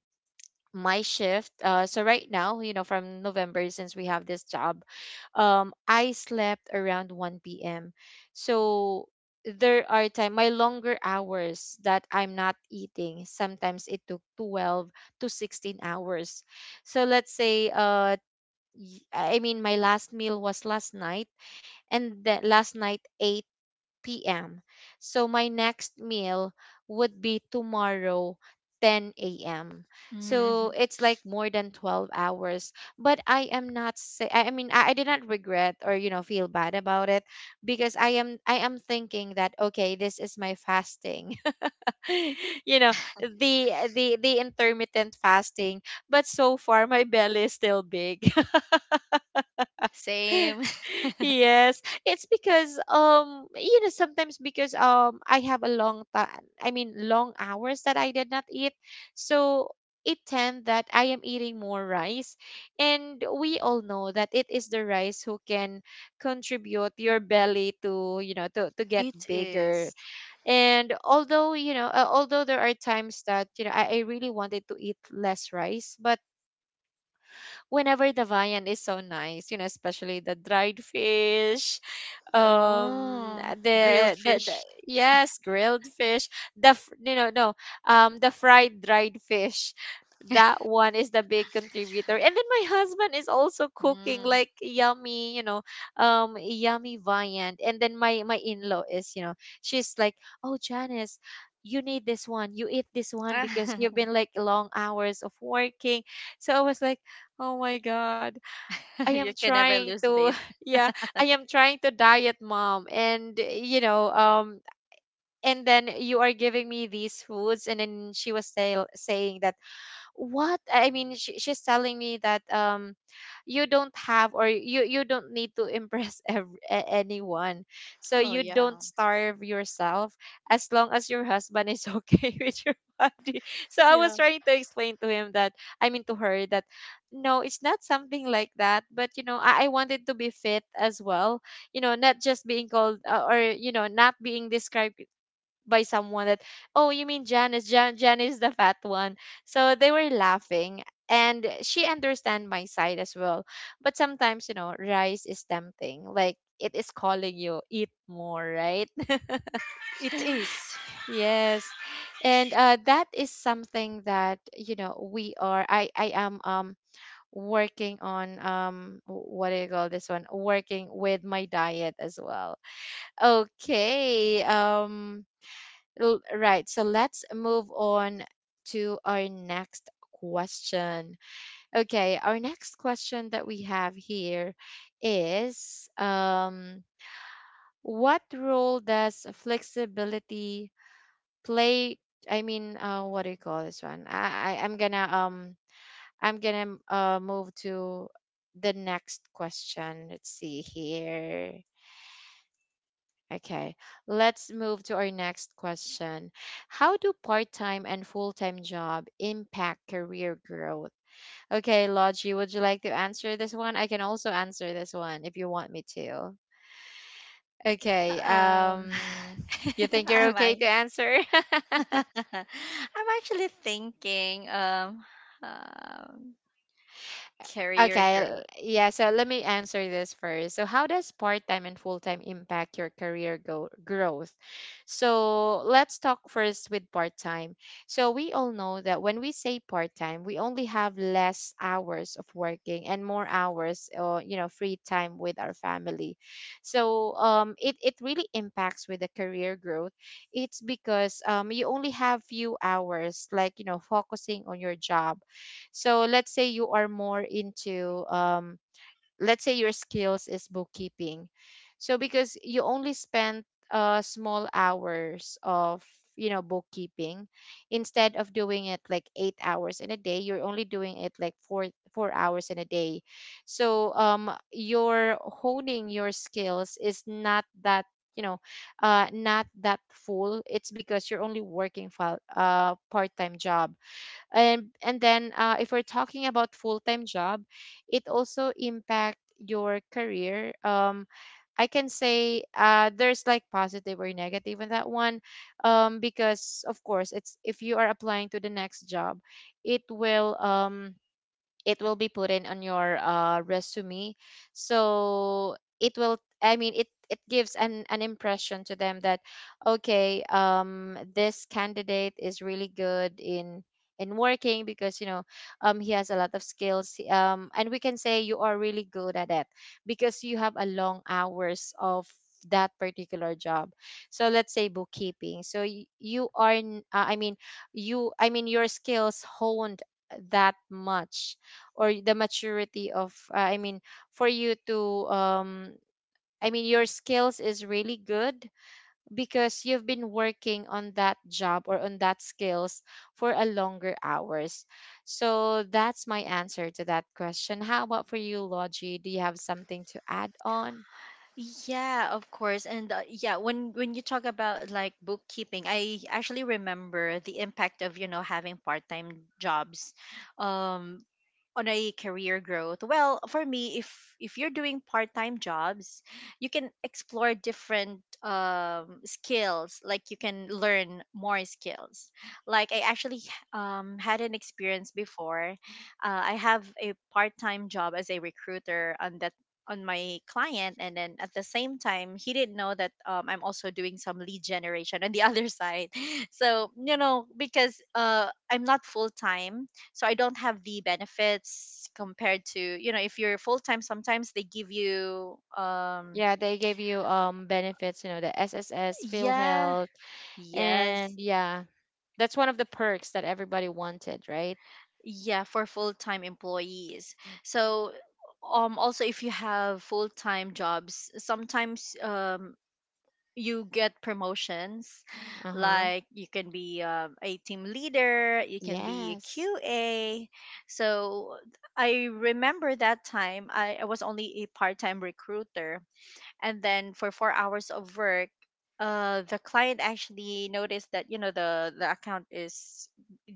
[SPEAKER 1] my shift uh, so right now, you know, from November, since we have this job, um, I slept around 1 p.m. So there are time my longer hours that I'm not eating, sometimes it took 12 to 16 hours. So let's say uh, my last meal was last night, and the last night 8 p.m. So my next meal would be tomorrow 10 a.m. So
[SPEAKER 2] Mhm.
[SPEAKER 1] it's like more than 12 hours. But I am not say I mean I did not regret or, you know, feel bad about it, because I am thinking that, okay, this is my fasting. You know, the intermittent fasting, but so far my belly is still big.
[SPEAKER 2] Same.
[SPEAKER 1] Yes, it's because sometimes because I have a long time I mean long hours that I did not eat. So it tend that I am eating more rice, and we all know that it is the rice who can contribute your belly to, to get
[SPEAKER 2] It
[SPEAKER 1] bigger.
[SPEAKER 2] is.
[SPEAKER 1] And although you know although there are times that I really wanted to eat less rice, but whenever the viand is so nice, you know, especially the dried fish, um,
[SPEAKER 2] Oh, grilled
[SPEAKER 1] the
[SPEAKER 2] fish.
[SPEAKER 1] yes, grilled fish, the f- you know no, the fried dried fish. That one is the big contributor, and then my husband is also cooking like
[SPEAKER 2] Mm.
[SPEAKER 1] yummy viand. And then my in law is, you know, she's like, "Oh, Janice, you need this one, you eat this one because you've been like long hours of working." So I was like, "Oh my God. I am
[SPEAKER 2] you can
[SPEAKER 1] trying
[SPEAKER 2] never lose
[SPEAKER 1] to"
[SPEAKER 2] weight.
[SPEAKER 1] yeah, I am trying to diet, mom, and and then you are giving me these foods, and then she was saying that, what I mean she's telling me that you don't have, or you don't need to impress anyone, so you
[SPEAKER 2] Oh
[SPEAKER 1] don't
[SPEAKER 2] yeah.
[SPEAKER 1] starve yourself as long as your husband is okay with your body. So I was
[SPEAKER 2] Yeah,
[SPEAKER 1] trying to explain to him, that to her, that no, it's not something like that, but you know I wanted to be fit as well, you know, not just being called or you know, not being described by someone that, "Oh, you mean Janice? Janice the fat one." So they were laughing, and she understand my side as well. But sometimes, you know, rice is tempting. Like it is calling you, "Eat more, right?"
[SPEAKER 2] it is.
[SPEAKER 1] Yes. And that is something that, you know, I am working on what do you call this one? Working with my diet as well. Okay. Right. So let's move on to our next question. Okay, our next question that we have here is what role does flexibility play? I mean, what do you call this one? I'm gonna move to the next question. Let's see here. Okay, let's move to our next question. How do part time and full time job impact career growth? Okay, Logie, would you like to answer this one? I can also answer this one if you want me to. Okay,
[SPEAKER 2] um
[SPEAKER 1] you think you're okay to
[SPEAKER 2] I'm
[SPEAKER 1] answer?
[SPEAKER 2] I'm actually thinking, um, career
[SPEAKER 1] Okay,
[SPEAKER 2] growth.
[SPEAKER 1] yeah, so let me answer this first. So, how does part time and full time impact your career growth? So, let's talk first with part time. So, we all know that when we say part time, we only have less hours of working and more hours, or, you know, free time with our family. So, it really impacts with the career growth. It's because you only have few hours, like, you know, focusing on your job, so let's say you are more into let's say your skills is bookkeeping. So because you only spent small hours of, you know, bookkeeping, instead of doing it like 8 hours in a day, you're only doing it like four hours in a day. So your honing your skills is not that, you know, not that full. It's because you're only working for part-time job. And then, if we're talking about full-time job, it also impact your career. I can say, there's like positive or negative in that one. Because of course, it's if you are applying to the next job, it will um it will be put in on your resume. So it will I mean it gives an impression to them that, "Okay, this candidate is really good in working," because, you know, he has a lot of skills, and we can say you are really good at it because you have a long hours of that particular job. So let's say bookkeeping. So you are your skills honed that much, or the maturity of, for you to, your skills is really good because you've been working on that job or on that skills for a longer hours. So that's my answer to that question. How about for you, Logie? Do you have something to add on?
[SPEAKER 2] Yeah, of course. And yeah, when you talk about like bookkeeping, I actually remember the impact of, you know, having part-time jobs um on a career growth. Well, for me, if you're doing part-time jobs, you can explore different skills, like you can learn more skills. Like I actually had an experience before. I have a part-time job as a recruiter on that, on my client, and then at the same time he didn't know that, I'm also doing some lead generation on the other side. so you know, because I'm not full-time, so I don't have the benefits compared to, you know, if you're full-time, sometimes they give you,
[SPEAKER 1] Yeah, they gave you benefits, you know, the SSS,
[SPEAKER 2] yeah,
[SPEAKER 1] Philhealth.
[SPEAKER 2] yes,
[SPEAKER 1] And yeah, that's one of the perks that everybody wanted, right?
[SPEAKER 2] yeah, for full-time employees. So also if you have full-time jobs, sometimes you get promotions,
[SPEAKER 1] Uh-huh.
[SPEAKER 2] like you can be, a team leader, you can be a
[SPEAKER 1] Yes.
[SPEAKER 2] QA. So I remember that time, I was only a part-time recruiter, and then for 4 hours of work, the client actually noticed that, you know, the account is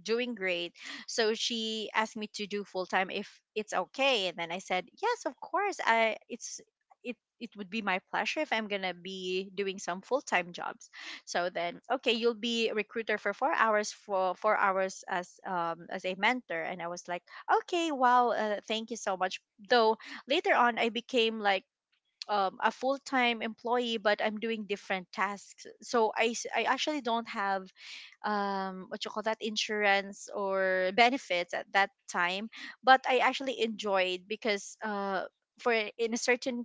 [SPEAKER 2] doing great. So she asked me to do full time if it's okay. And then I said, yes, of course, I it's, it would be my pleasure if I'm gonna be doing some full-time jobs. So then, okay, you'll be a recruiter for 4 hours, for 4 hours as a mentor. And I was like, okay, wow, thank you so much. Though later on I became like, a full-time employee, but I'm doing different tasks. So I actually don't have, what you call that, insurance or benefits at that time. But I actually enjoyed, because, for in a certain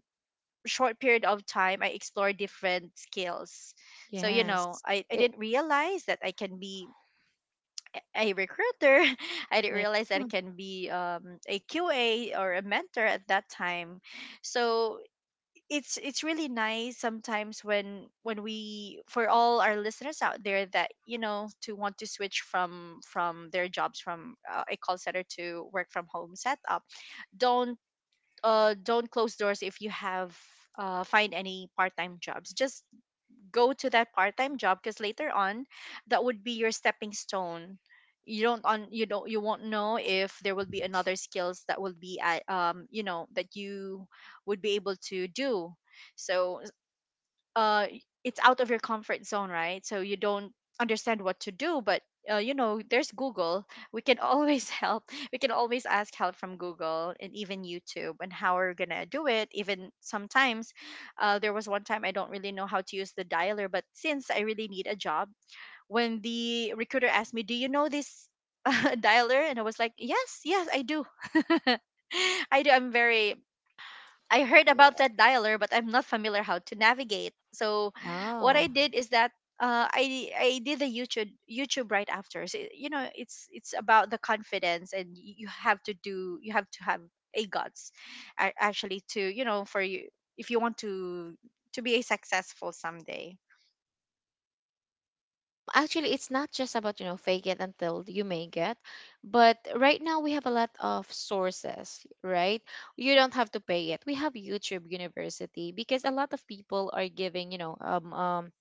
[SPEAKER 2] short period of time, I explored different skills. So you know,
[SPEAKER 1] Yes.
[SPEAKER 2] I didn't
[SPEAKER 1] I-
[SPEAKER 2] realize that I can be a recruiter. I didn't
[SPEAKER 1] Yeah.
[SPEAKER 2] realize that I can be, a QA or a mentor at that time. So it's really nice sometimes when we, for all our listeners out there, that you know, to want to switch from their jobs, from a call center to work from home setup. Don't, don't close doors. If you have, find any part-time jobs, just go to that part-time job, because later on that would be your stepping stone. You don't on you don't you won't know if there will be another skills that will be at you know, that you would be able to do. So it's out of your comfort zone, right? So you don't understand what to do, but you know, there's Google. We can always help. We can always ask help from Google, and even YouTube, and how we're gonna do it. Even sometimes, there was one time I don't really know how to use the dialer, but since I really need a job, when the recruiter asked me, do you know this dialer? And I was like, yes I do. I do. I'm very, I heard about
[SPEAKER 1] I-
[SPEAKER 2] that
[SPEAKER 1] uh,
[SPEAKER 2] dialer, but I'm not familiar how to navigate. So what I
[SPEAKER 1] No.
[SPEAKER 2] did is that, I did a YouTube right after. So, you know, it's about the confidence, and you have to do, you have to have a guts, actually, to, you know, for you, if you want to be a successful someday.
[SPEAKER 1] Actually, it's not just about, you know, fake it until you make it. But right now we have a lot of sources, right? You don't have to pay it. We have YouTube University because a lot of people are giving, you know,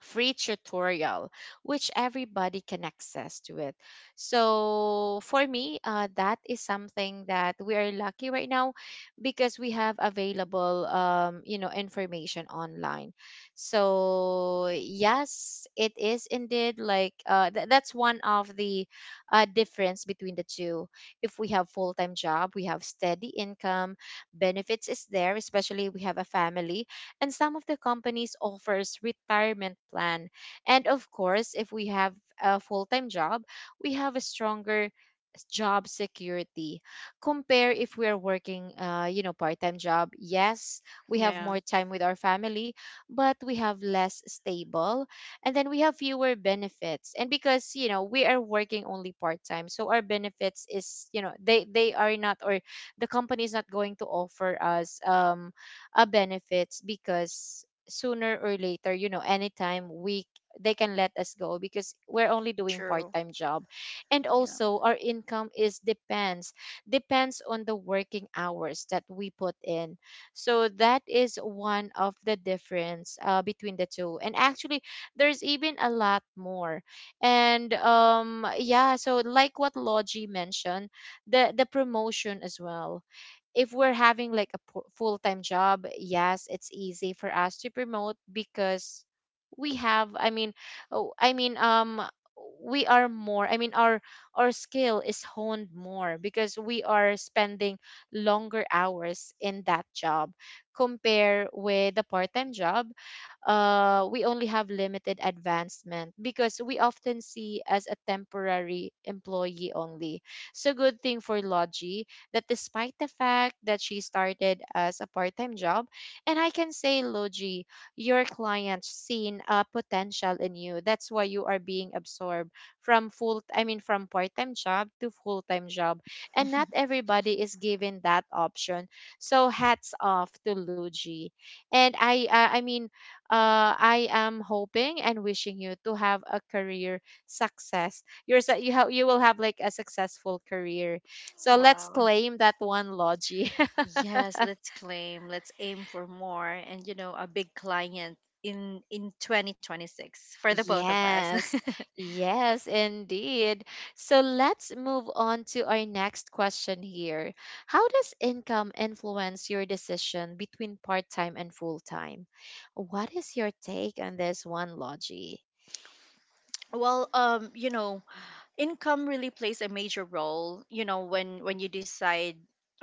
[SPEAKER 1] free tutorial, which everybody can access to it. So for me, that is something that we are lucky right now because we have available, you know, information online. So yes, it is indeed like, that's one of the, difference between the two. If we have full time job, we have steady income, benefits is there, especially we have a family, and some of the companies offers retirement plan. And of course, if we have a full-time job, we have a stronger job security, compare if we are working, you know, part-time job. Yes, we have
[SPEAKER 2] Yeah.
[SPEAKER 1] more time with our family, but we have less stable, and then we have fewer benefits, and because you know we are working only part-time, so our benefits is, you know, they are not, or the company is not going to offer us benefits, because sooner or later, you know, anytime we they can let us go because we're only doing
[SPEAKER 2] True.
[SPEAKER 1] part-time job. And
[SPEAKER 2] Yeah.
[SPEAKER 1] also our income is depends on the working hours that we put in. So that is one of the difference, between the two. And actually there's even a lot more. And yeah, so like what Logi mentioned, the promotion as well. If we're having like a full-time job, yes, it's easy for us to promote because we have I mean oh, I mean we are more I mean our skill is honed more because we are spending longer hours in that job, compare with the part-time job. We only have limited advancement because we often see as a temporary employee only. So good thing for Logi, that despite the fact that she started as a part-time job, and I can say, Logi, your client seen a potential in you. That's why you are being absorbed from from part-time job to full-time job. And not everybody is given that option. So hats off to Logi. And I am hoping and wishing you to have a career success. You're, su- you, ha- You will have like a successful career, so let's
[SPEAKER 2] Wow.
[SPEAKER 1] claim that one, Logie.
[SPEAKER 2] Yes, let's claim, let's aim for more, and, you know, a big client in 2026 for the both of us.
[SPEAKER 1] Yes, yes, indeed. So let's move on to our next question here. How does income influence your decision between part time and full time? What is your take on this one, Logie?
[SPEAKER 2] Well, you know, income really plays a major role, you know, when you decide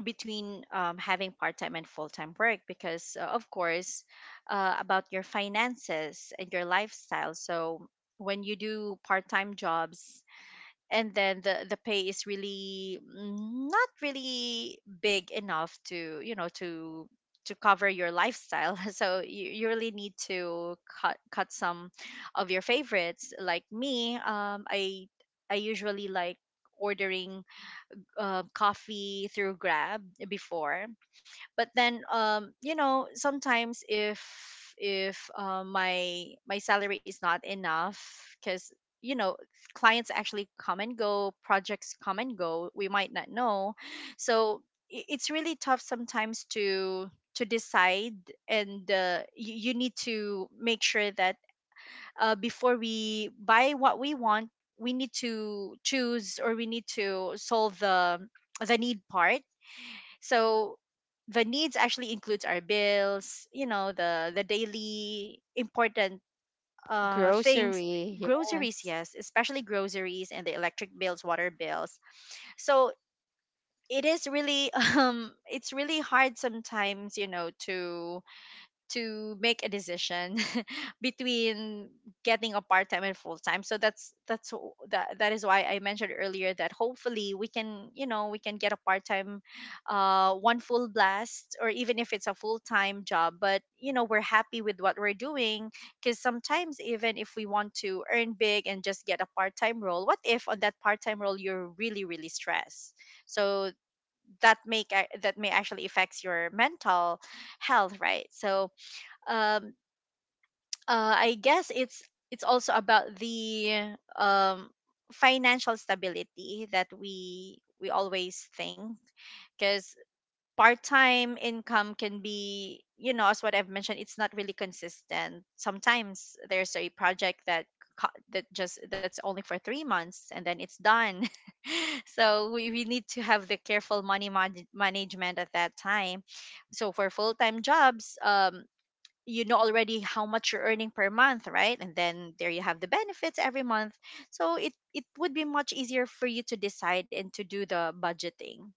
[SPEAKER 2] between having part-time and full-time work, because of course, about your finances and your lifestyle. So when you do part-time jobs, and then the pay is really not really big enough to, you know, to cover your lifestyle. So you really need to cut some of your favorites. Like me, I usually like ordering, coffee through Grab before. But then, you know, sometimes if my salary is not enough, because, you know, clients actually come and go, projects come and go, we might not know. So it's really tough sometimes to decide. And you, you need to make sure that, before we buy what we want, we need to choose, or we need to solve the need part. So the needs actually includes our bills, you know, the daily important things,
[SPEAKER 1] Grocery.
[SPEAKER 2] groceries.
[SPEAKER 1] Yes.
[SPEAKER 2] Yes, especially groceries and the electric bills, water bills. So it is really it's really hard sometimes, you know, to make a decision between getting a part time and full time. So that's that that is why I mentioned earlier that hopefully we can, you know, we can get a part time, one full blast, or even if it's a full time job. But you know we're happy with what we're doing, because sometimes, even if we want to earn big and just get a part time role, what if on that part time role you're really really stressed? So that may actually affects your mental health, right? So um I guess it's also about the um, financial stability that we always think, because part-time income can be, you know, as what I've mentioned, it's not really consistent. Sometimes there's a project that that just that's only for 3 months, and then it's done. So we need to have the careful management at that time. So for full-time jobs, you know already how much you're earning per month, right? And then there you have the benefits every month. So it would be much easier for you to decide and to do the budgeting.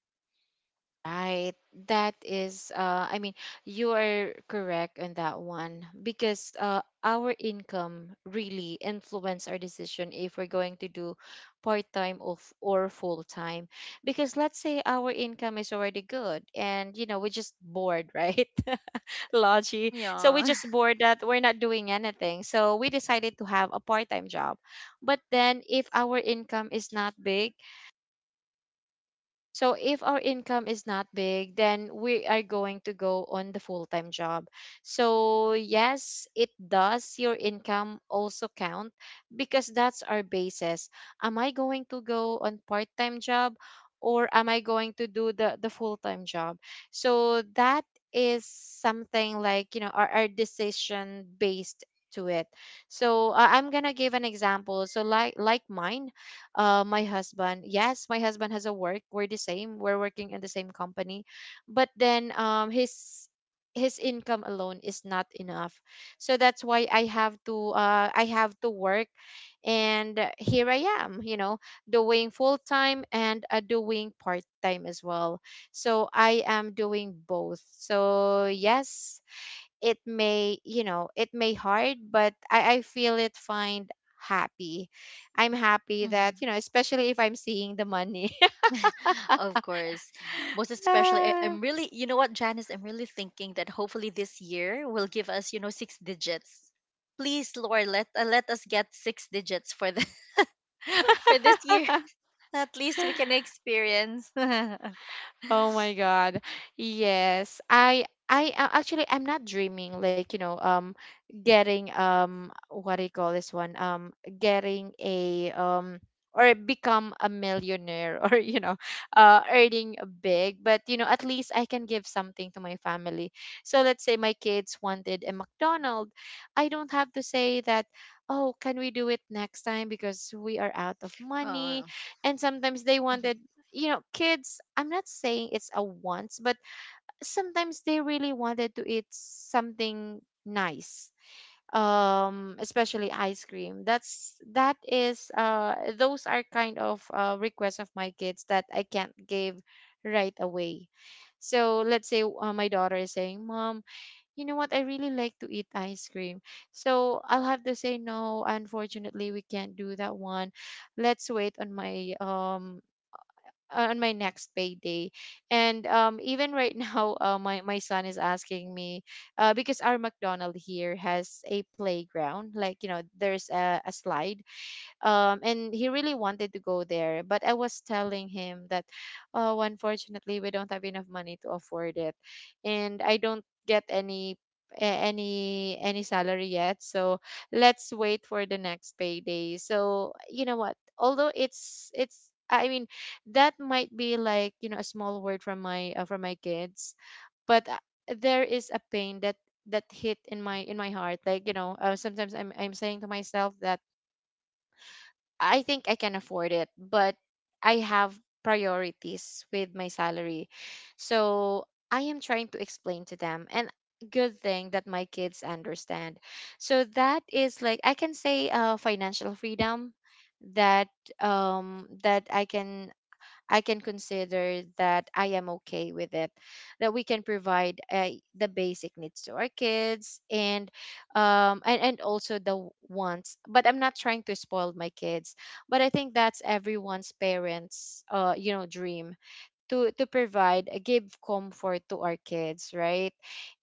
[SPEAKER 1] Right. That is, you are correct on that one because, our income really influence our decision if we're going to do part-time of or full-time. Because let's say our income is already good and, you know, we're just bored, right? Logi. So we
[SPEAKER 2] Yeah.
[SPEAKER 1] just bored that we're not doing anything. So we decided to have a part-time job. But then if our income is not big, so if our income is not big, then we are going to go on the full-time job. So yes, it does your income also count because that's our basis. Am I going to go on part-time job, or am I going to do the full-time job? So that is something like, you know, our decision based to it. So I'm going to give an example. So like mine, my husband. Yes, my husband has a work. We're the same. We're working in the same company, but then his income alone is not enough. So that's why I have to work, and here I am. You know, doing full time and, doing part time as well. So I am doing both. So yes, it may, you know, it may hard, but I feel it find happy I'm happy that,
[SPEAKER 2] Mhm.
[SPEAKER 1] you know, especially if I'm seeing the money.
[SPEAKER 2] Of course. Most especially, I,
[SPEAKER 1] Yeah.
[SPEAKER 2] I'm really, you know what, Janice, I'm really thinking that hopefully this year will give us, you know, six digits. Please, Lord, let let us get six digits for the for this year. At least we can experience. Oh,
[SPEAKER 1] Oh my God. Yes. I Actually I'm not dreaming like, you know, getting what do you call this one? Getting a Or become a millionaire. Or, earning big, but at least I can give something to my family. So let's say my kids wanted a McDonald, I don't have to say that, "Oh, can we do it next time because we are out of
[SPEAKER 2] mhm,
[SPEAKER 1] money?" And sometimes they wanted, kids, I'm not saying it's a once, but sometimes they really wanted to eat something nice. Especially ice cream. That's that is those are kind of requests of my kids that I can't give right away. So let's say my daughter is saying, "Mom, you know what? I really like to eat ice cream." So I'll have to say, "No, unfortunately, we can't do that one. Let's wait on my next payday." And even right now, my son is asking me, because our McDonald here has a playground, like, there's a slide, and he really wanted to go there, but I was telling him that, "Oh, unfortunately, we don't have enough money to afford it, and I don't get any any salary yet, so let's wait for the next payday." So, you know what, although it's, I mean, that might be like, a small word from my kids. But there is a pain that hit in my heart, like, sometimes I'm saying to myself that I think I can afford it, but I have priorities with my salary. So I am trying to explain to them, and good thing that my kids understand. So that is like, I can say, financial freedom that that I can, consider that I am okay with it, that we can provide, the basic needs to our kids, and also the wants. But I'm not trying to spoil my kids, but I think that's everyone's parents', dream to provide, give comfort to our kids, right?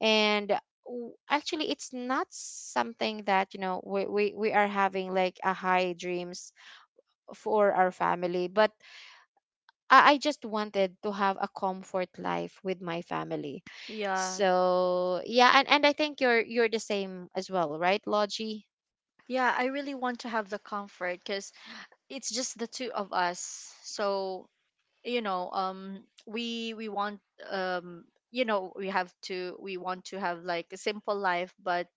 [SPEAKER 1] And, actually, it's not something that, we are having like a high dreams for our family, but I just wanted to have a comfort life with my family.
[SPEAKER 2] yeah.
[SPEAKER 1] So yeah, and I think you're the same as well, right, Logie?
[SPEAKER 2] Yeah, I really want to have the comfort, because it's just the two of us. So, you know, we want, um you know, we have to, we want to have like a simple life, but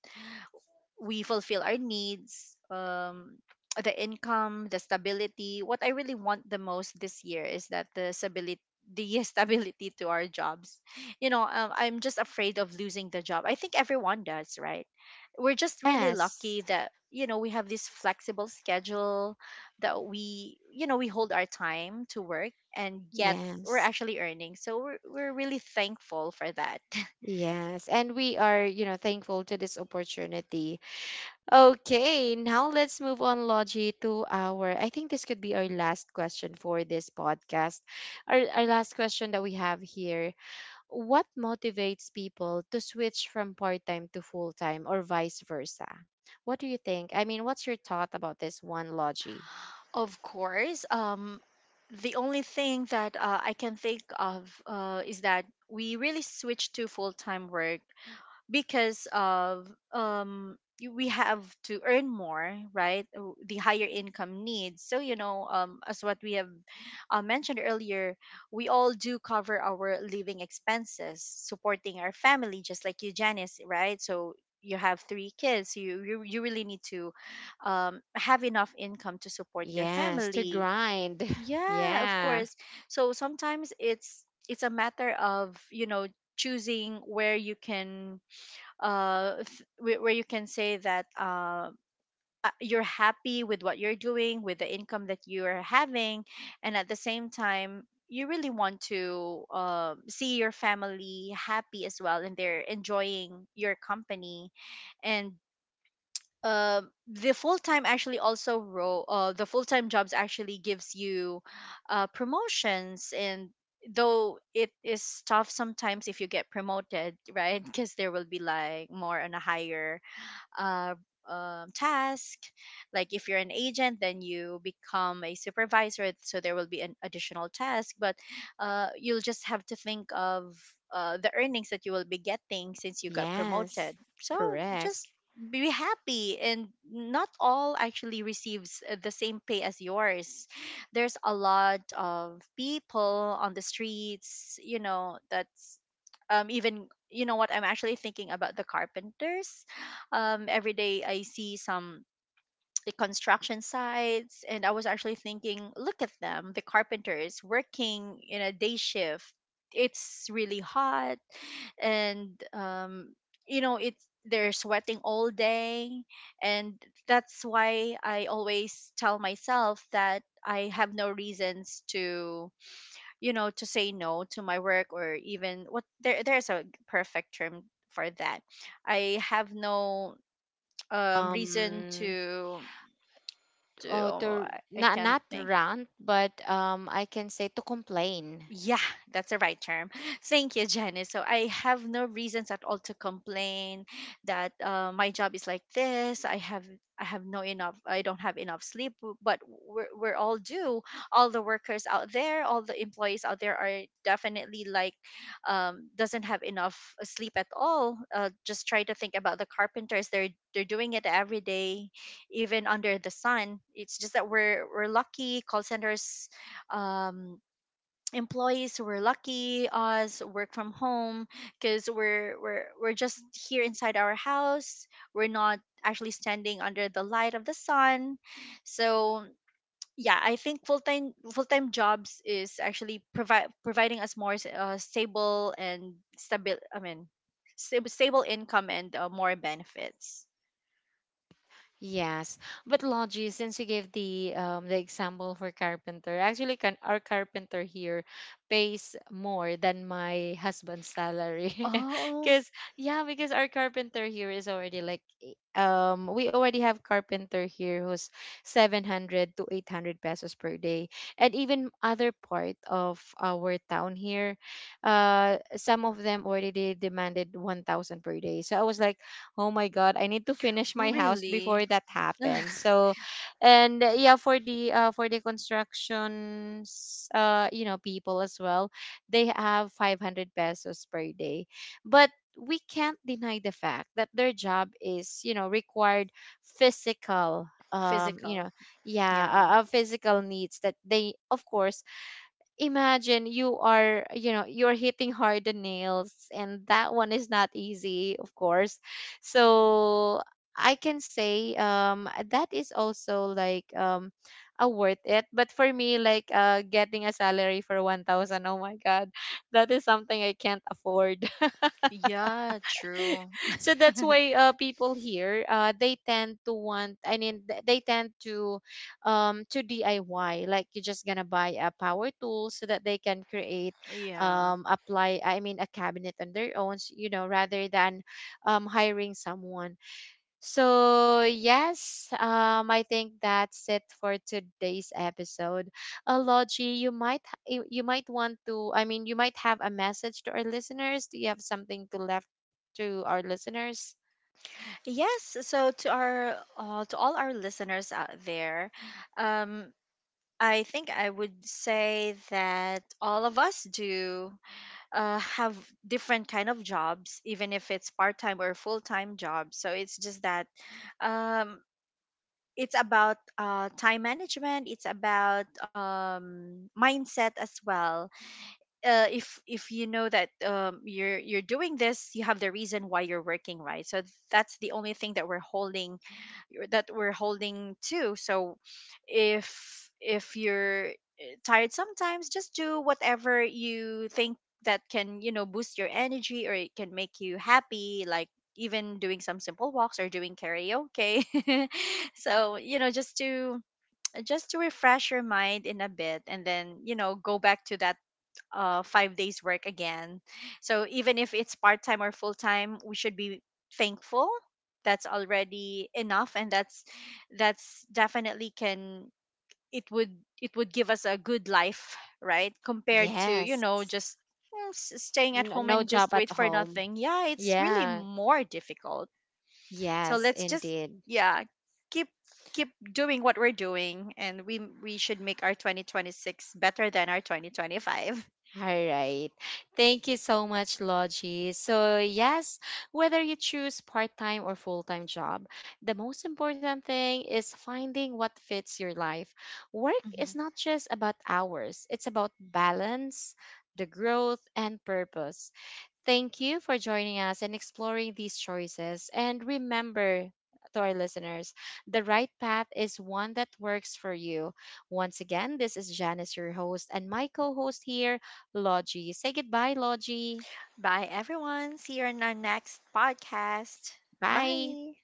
[SPEAKER 2] we fulfill our needs, the income, the stability. What I really want the most this year is that the stability, the stability to our jobs. You know, I'm just afraid of losing the job. I think everyone does, right? We're just really
[SPEAKER 1] Yes.
[SPEAKER 2] lucky that, you know, we have this flexible schedule, that we, you know, we hold our time to work, and yet we're
[SPEAKER 1] Yes.
[SPEAKER 2] actually earning. So we're really thankful for that.
[SPEAKER 1] Yes. And we are, thankful to this opportunity. Okay, now let's move on, Logie, to our, I think this could be our last question for this podcast. Our last question that we have here: what motivates people to switch from part-time to full-time, or vice versa? What do you think? I mean, what's your thought about this one, Logie?
[SPEAKER 2] Of course. The only thing that I can think of is that we really switched to full time work, because of we have to earn more, right? The higher income needs. So you know, as what we have mentioned earlier, we all do cover our living expenses, supporting our family, just like you, Janice, right? So you have three kids, so you, really need to have enough income to support your
[SPEAKER 1] Yes, to
[SPEAKER 2] family.
[SPEAKER 1] grind.
[SPEAKER 2] Yeah, of
[SPEAKER 1] Yeah.
[SPEAKER 2] course. So sometimes it's a matter of, you know, choosing where you can where you can say that you're happy with what you're doing, with the income that you are having, and at the same time you really want to see your family happy as well, and they're enjoying your company. And uh, the full time jobs actually gives you promotions. And though it is tough sometimes if you get promoted, right? Because there will be like more on a higher uh, task. Like if you're an agent, then you become a supervisor, so there will be an additional task. But you'll just have to think of the earnings that you will be getting since you got
[SPEAKER 1] Yes.
[SPEAKER 2] promoted. So just
[SPEAKER 1] Correct.
[SPEAKER 2] be happy. And not all actually receives the same pay as yours. There's a lot of people on the streets, you know, that's even, you know what, I'm actually thinking about the carpenters. Every day I see some the construction sites. And I was actually thinking, look at them, the carpenters working in a day shift. It's really hot, and you know, it's, they're sweating all day. And that's why I always tell myself that I have no reasons to, you know, to say no to my work, or even what there. There's a perfect term for that. I have no reason
[SPEAKER 1] Um,
[SPEAKER 2] to,
[SPEAKER 1] oh,
[SPEAKER 2] oh,
[SPEAKER 1] to
[SPEAKER 2] I
[SPEAKER 1] not
[SPEAKER 2] can't
[SPEAKER 1] not
[SPEAKER 2] think.
[SPEAKER 1] rant, but, I can say, to complain.
[SPEAKER 2] Yeah, that's the right term. Thank you, Janice. So I have no reasons at all to complain that, my job is like this. I have, I have no enough. I don't have enough sleep. But we're all due. All the workers out there, all the employees out there are definitely like doesn't have enough sleep at all. Just try to think about the carpenters. They're doing it every day, even under the sun. It's just that we're lucky. Call centers. Um, employees who were lucky us work from home, because we're just here inside our house. We're not actually standing under the light of the sun. So yeah, I think full-time jobs is actually provide providing us more stable and stable I mean stable, stable income, and more benefits.
[SPEAKER 1] Yes, but Logi, since you gave the example for carpenter, actually, can our carpenter here pays more than my husband's salary,
[SPEAKER 2] Oh
[SPEAKER 1] because, yeah, because our carpenter here is already like eh, we already have carpenter here who's 700 to 800 pesos per day, and even other part of our town here, some of them already demanded 1,000 per day. So I was like, "Oh my God, I need to finish my house
[SPEAKER 2] really.
[SPEAKER 1] before that happens." So, and, yeah, for the, for the constructions, people as well, they have 500 pesos per day. But we can't deny the fact that their job is, required, physical,
[SPEAKER 2] Physical.
[SPEAKER 1] yeah,
[SPEAKER 2] Yeah.
[SPEAKER 1] physical needs that they, of course, imagine, you are you know you're hitting hard the nails, and that one is not easy, of course. So I can say, that is also like, a worth it. But for me, like, getting a salary for 1,000, oh my God, that is something I can't afford.
[SPEAKER 2] Yeah, true.
[SPEAKER 1] So that's why, people here, they tend to want, I mean, they tend to, to DIY. Like, you're just gonna buy a power tool so that they can create,
[SPEAKER 2] Yeah.
[SPEAKER 1] apply, I mean, a cabinet on their own, rather than hiring someone. So, yes, I think that's it for today's episode. Logie, you might you might want to, I mean, you might have a message to our listeners. Do you have something to left to our listeners?
[SPEAKER 2] Yes, so to our to all our listeners out there, um, I think I would say that all of us do have different kind of jobs, even if it's part time or full time jobs. So it's just that, um, it's about time management. It's about, mindset as well. If you know that you're doing this, you have the reason why you're working, right? So that's the only thing that we're holding, that we're holding to. So if you're tired sometimes, just do whatever you think that can, you know, boost your energy or it can make you happy, like even doing some simple walks or doing karaoke. So you know, just to refresh your mind in a bit, and then you know go back to that 5 days work again. So even if it's part time or full time, we should be thankful. That's already enough, and that's definitely can, it would, it would give us a good life, right? Compared to, you
[SPEAKER 1] Yes.
[SPEAKER 2] know, just staying at
[SPEAKER 1] N-
[SPEAKER 2] home
[SPEAKER 1] no
[SPEAKER 2] and just
[SPEAKER 1] job
[SPEAKER 2] wait
[SPEAKER 1] at
[SPEAKER 2] for
[SPEAKER 1] home.
[SPEAKER 2] nothing. Yeah, it's really
[SPEAKER 1] Yeah.
[SPEAKER 2] more difficult. So
[SPEAKER 1] Yes,
[SPEAKER 2] let's just,
[SPEAKER 1] indeed.
[SPEAKER 2] yeah, keep keep doing what we're doing, and we should make our 2026 better than our 2025.
[SPEAKER 1] All right. Thank you so much, Logie. So, yes, whether you choose part time or full time job, the most important thing is finding what fits your life. Work is
[SPEAKER 2] Mhm.
[SPEAKER 1] not just about hours, it's about balance, the growth, and purpose. Thank you for joining us and exploring these choices. And remember, to our listeners, the right path is one that works for you. Once again, this is Janice, your host, and my co host here, Logie. Say goodbye, Logie.
[SPEAKER 2] Bye, everyone. See you in our next podcast.
[SPEAKER 1] Bye.
[SPEAKER 2] Bye.